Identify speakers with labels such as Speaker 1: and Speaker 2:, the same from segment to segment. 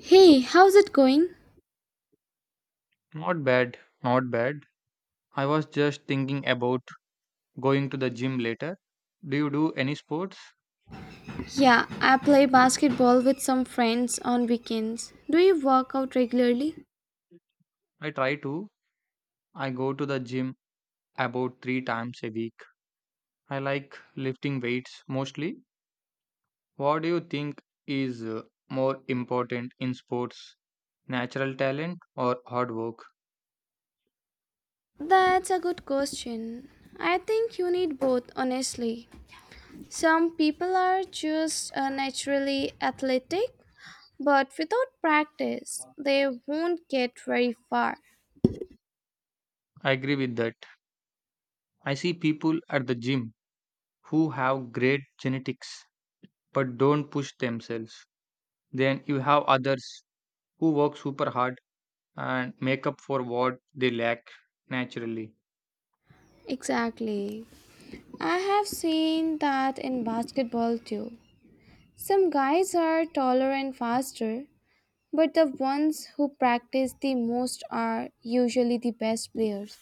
Speaker 1: Hey, how's it going?
Speaker 2: Not bad, not bad. I was just thinking about going to the gym later. Do you do any sports?
Speaker 1: Yeah, I play basketball with some friends on weekends. Do you work out regularly?
Speaker 2: I try to. I go to the gym about 3 times a week. I like lifting weights mostly. What do you think is more important in sports? Natural talent or hard work?
Speaker 1: That's a good question. I think you need both, honestly. Some people are just naturally athletic, but without practice, they won't get very far.
Speaker 2: I agree with that. I see people at the gym who have great genetics but don't push themselves. Then you have others who work super hard and make up for what they lack naturally.
Speaker 1: Exactly. I have seen that in basketball too. Some guys are taller and faster, but the ones who practice the most are usually the best players.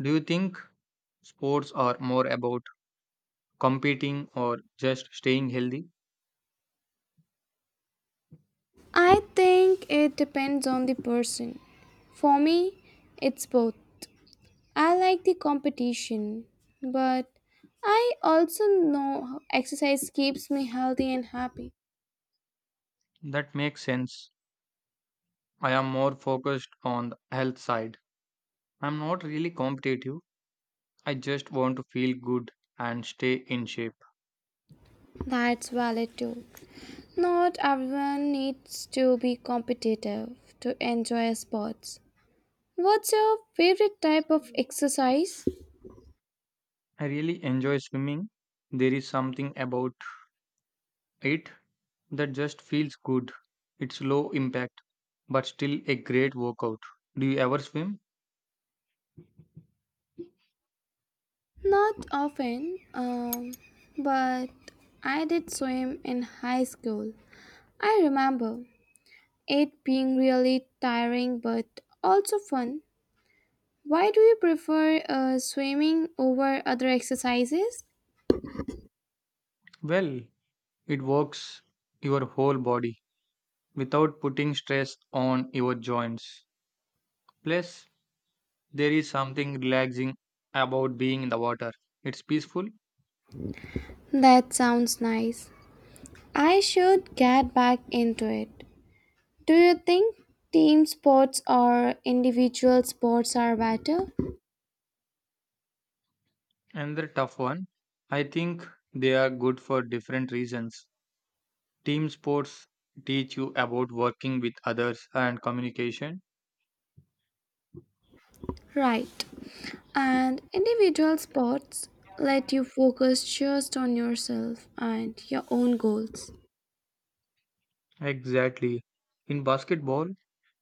Speaker 2: Do you think sports are more about competing or just staying healthy?
Speaker 1: I think it depends on the person. For me, it's both. I like the competition, but I also know exercise keeps me healthy and happy.
Speaker 2: That makes sense. I am more focused on the health side. I'm not really competitive. I just want to feel good and stay in shape.
Speaker 1: That's valid too. Not everyone needs to be competitive to enjoy sports. What's your favorite type of exercise?
Speaker 2: I really enjoy swimming. There is something about it that just feels good. It's low impact, but still a great workout. Do you ever swim?
Speaker 1: Not often, but I did swim in high school. I remember it being really tiring but also fun. Why do you prefer swimming over other exercises?
Speaker 2: Well, it works your whole body without putting stress on your joints. Plus, there is something relaxing about being in the water. It's peaceful.
Speaker 1: That sounds nice. I should get back into it. Do you think team sports or individual sports are better?
Speaker 2: Another tough one. I think they are good for different reasons. Team sports teach you about working with others and communication.
Speaker 1: Right. And individual sports let you focus just on yourself and your own goals.
Speaker 2: Exactly. In basketball,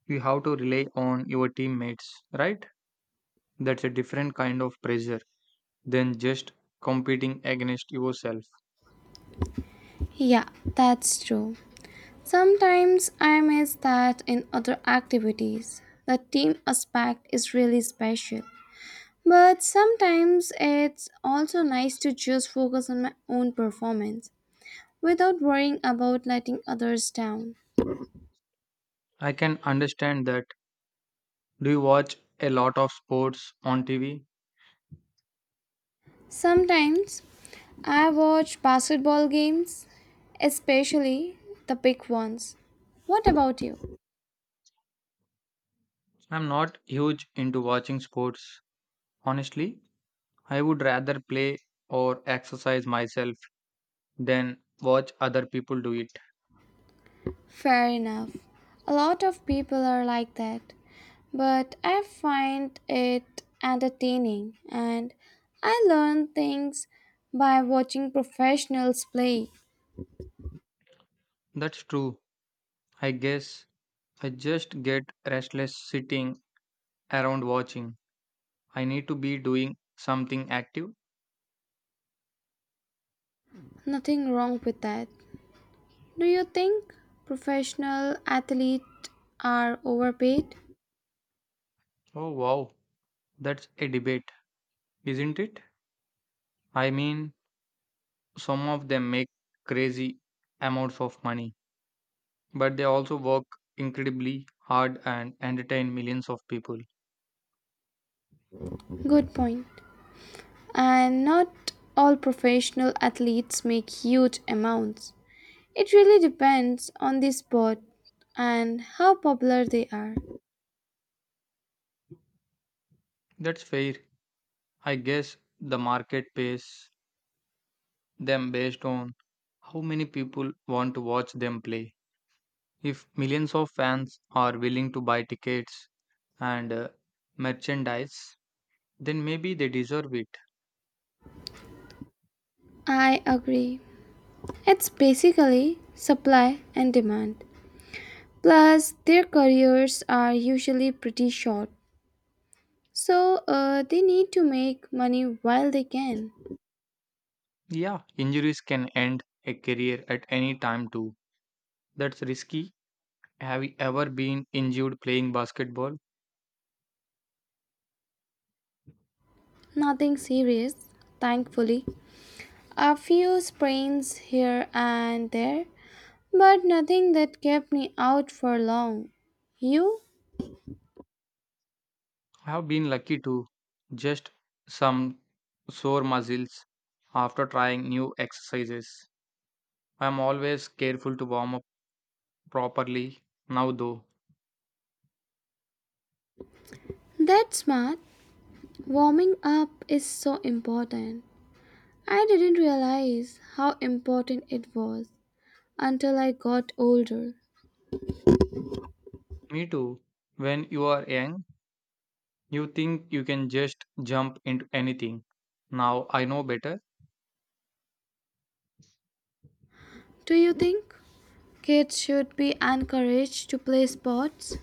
Speaker 2: you have to rely on your teammates, right? That's a different kind of pressure than just competing against yourself.
Speaker 1: Yeah, that's true. Sometimes I miss that in other activities. The team aspect is really special. But sometimes it's also nice to just focus on my own performance without worrying about letting others down.
Speaker 2: I can understand that. Do you watch a lot of sports on TV?
Speaker 1: Sometimes I watch basketball games, especially the big ones. What about you?
Speaker 2: I'm not huge into watching sports. Honestly, I would rather play or exercise myself than watch other people do it.
Speaker 1: Fair enough. A lot of people are like that, but I find it entertaining and I learn things by watching professionals play.
Speaker 2: That's true. I guess I just get restless sitting around watching. I need to be doing something active.
Speaker 1: Nothing wrong with that. Do you think professional athletes are overpaid?
Speaker 2: Oh wow, that's a debate, isn't it? I mean, some of them make crazy amounts of money, but they also work incredibly hard and entertain millions of people.
Speaker 1: Good point. And not all professional athletes make huge amounts. It really depends on the sport and how popular they are.
Speaker 2: That's fair. I guess the market pays them based on how many people want to watch them play. If millions of fans are willing to buy tickets and merchandise, then maybe they deserve it.
Speaker 1: I agree. It's basically supply and demand. Plus, their careers are usually pretty short, so they need to make money while they can.
Speaker 2: Yeah, injuries can end a career at any time, too. That's risky. Have you ever been injured playing basketball?
Speaker 1: Nothing serious, thankfully. A few sprains here and there, but nothing that kept me out for long. You?
Speaker 2: I have been lucky to just some sore muscles after trying new exercises. I'm always careful to warm up properly now, though.
Speaker 1: That's smart. Warming up is so important. I didn't realize how important it was until I got older.
Speaker 2: Me too. When you are young, you think you can just jump into anything. Now I know better.
Speaker 1: Do you think kids should be encouraged to play sports?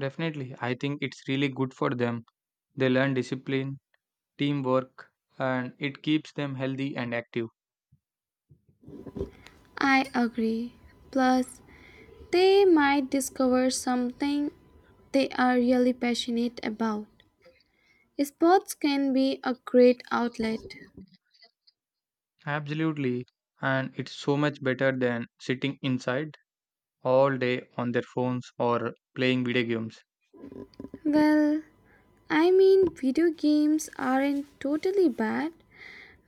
Speaker 2: Definitely, I think it's really good for them. They learn discipline, teamwork, and it keeps them healthy and active.
Speaker 1: I agree. Plus, they might discover something they are really passionate about. Sports can be a great outlet.
Speaker 2: Absolutely. And it's so much better than sitting inside all day on their phones or playing video games.
Speaker 1: Well, I mean, video games aren't totally bad,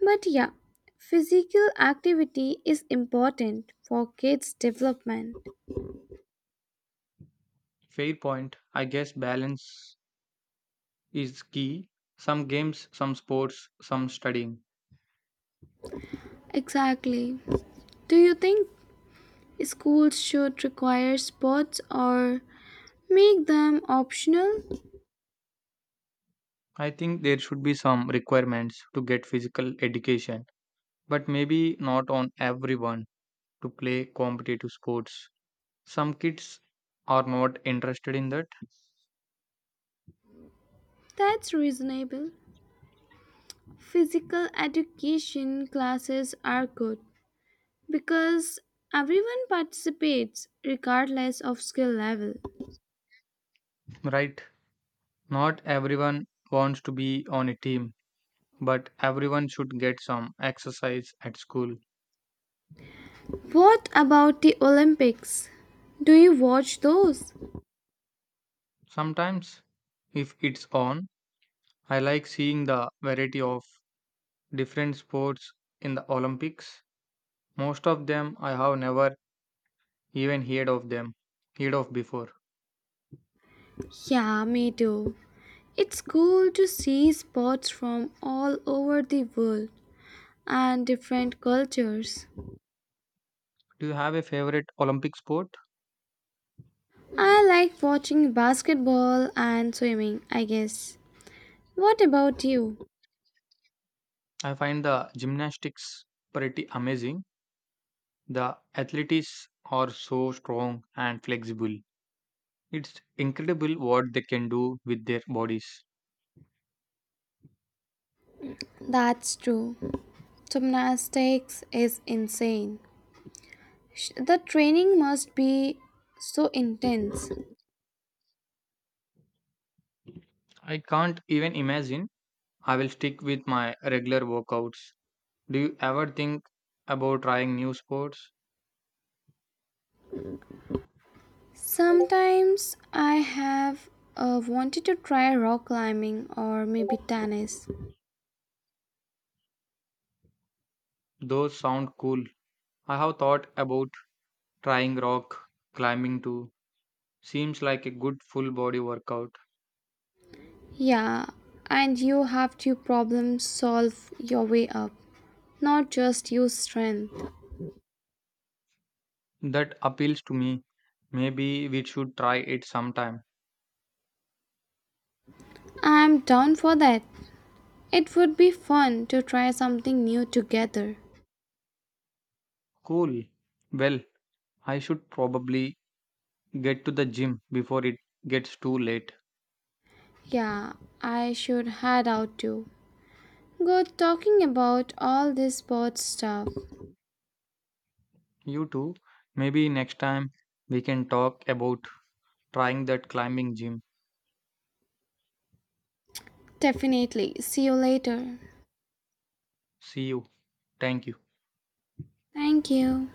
Speaker 1: but yeah, physical activity is important for kids' development.
Speaker 2: Fair point. I guess balance is key. Some games, some sports, some studying.
Speaker 1: Exactly. Do you think schools should require sports or make them optional?
Speaker 2: I think there should be some requirements to get physical education, but maybe not on everyone to play competitive sports. Some kids are not interested in that,
Speaker 1: That's reasonable. Physical education classes are good because everyone participates regardless of skill level.
Speaker 2: right? Not everyone wants to be on a team, but everyone should get some exercise at school.
Speaker 1: What about the Olympics? Do you watch those?
Speaker 2: Sometimes, if it's on, I like seeing the variety of different sports in the Olympics. Most of them I have never even heard of before.
Speaker 1: Yeah, me too. It's cool to see sports from all over the world and different cultures.
Speaker 2: Do you have a favorite Olympic sport?
Speaker 1: I like watching basketball and swimming, I guess. What about you?
Speaker 2: I find the gymnastics pretty amazing. The athletes are so strong and flexible. It's incredible what they can do with their bodies.
Speaker 1: That's true. Gymnastics is insane. The training must be so intense.
Speaker 2: I can't even imagine. I will stick with my regular workouts. Do you ever think about trying new sports?
Speaker 1: Sometimes I have wanted to try rock climbing or maybe tennis.
Speaker 2: Those sound cool. I have thought about trying rock climbing too. Seems like a good full body workout.
Speaker 1: Yeah, and you have to problem solve your way up, not just use strength.
Speaker 2: That appeals to me. Maybe we should try it sometime.
Speaker 1: I'm down for that. It would be fun to try something new together.
Speaker 2: Cool. Well, I should probably get to the gym before it gets too late.
Speaker 1: Yeah, I should head out too. Good talking about all this sports stuff.
Speaker 2: You too. Maybe next time we can talk about trying that climbing gym.
Speaker 1: Definitely. See you later.
Speaker 2: See you. Thank you.
Speaker 1: Thank you.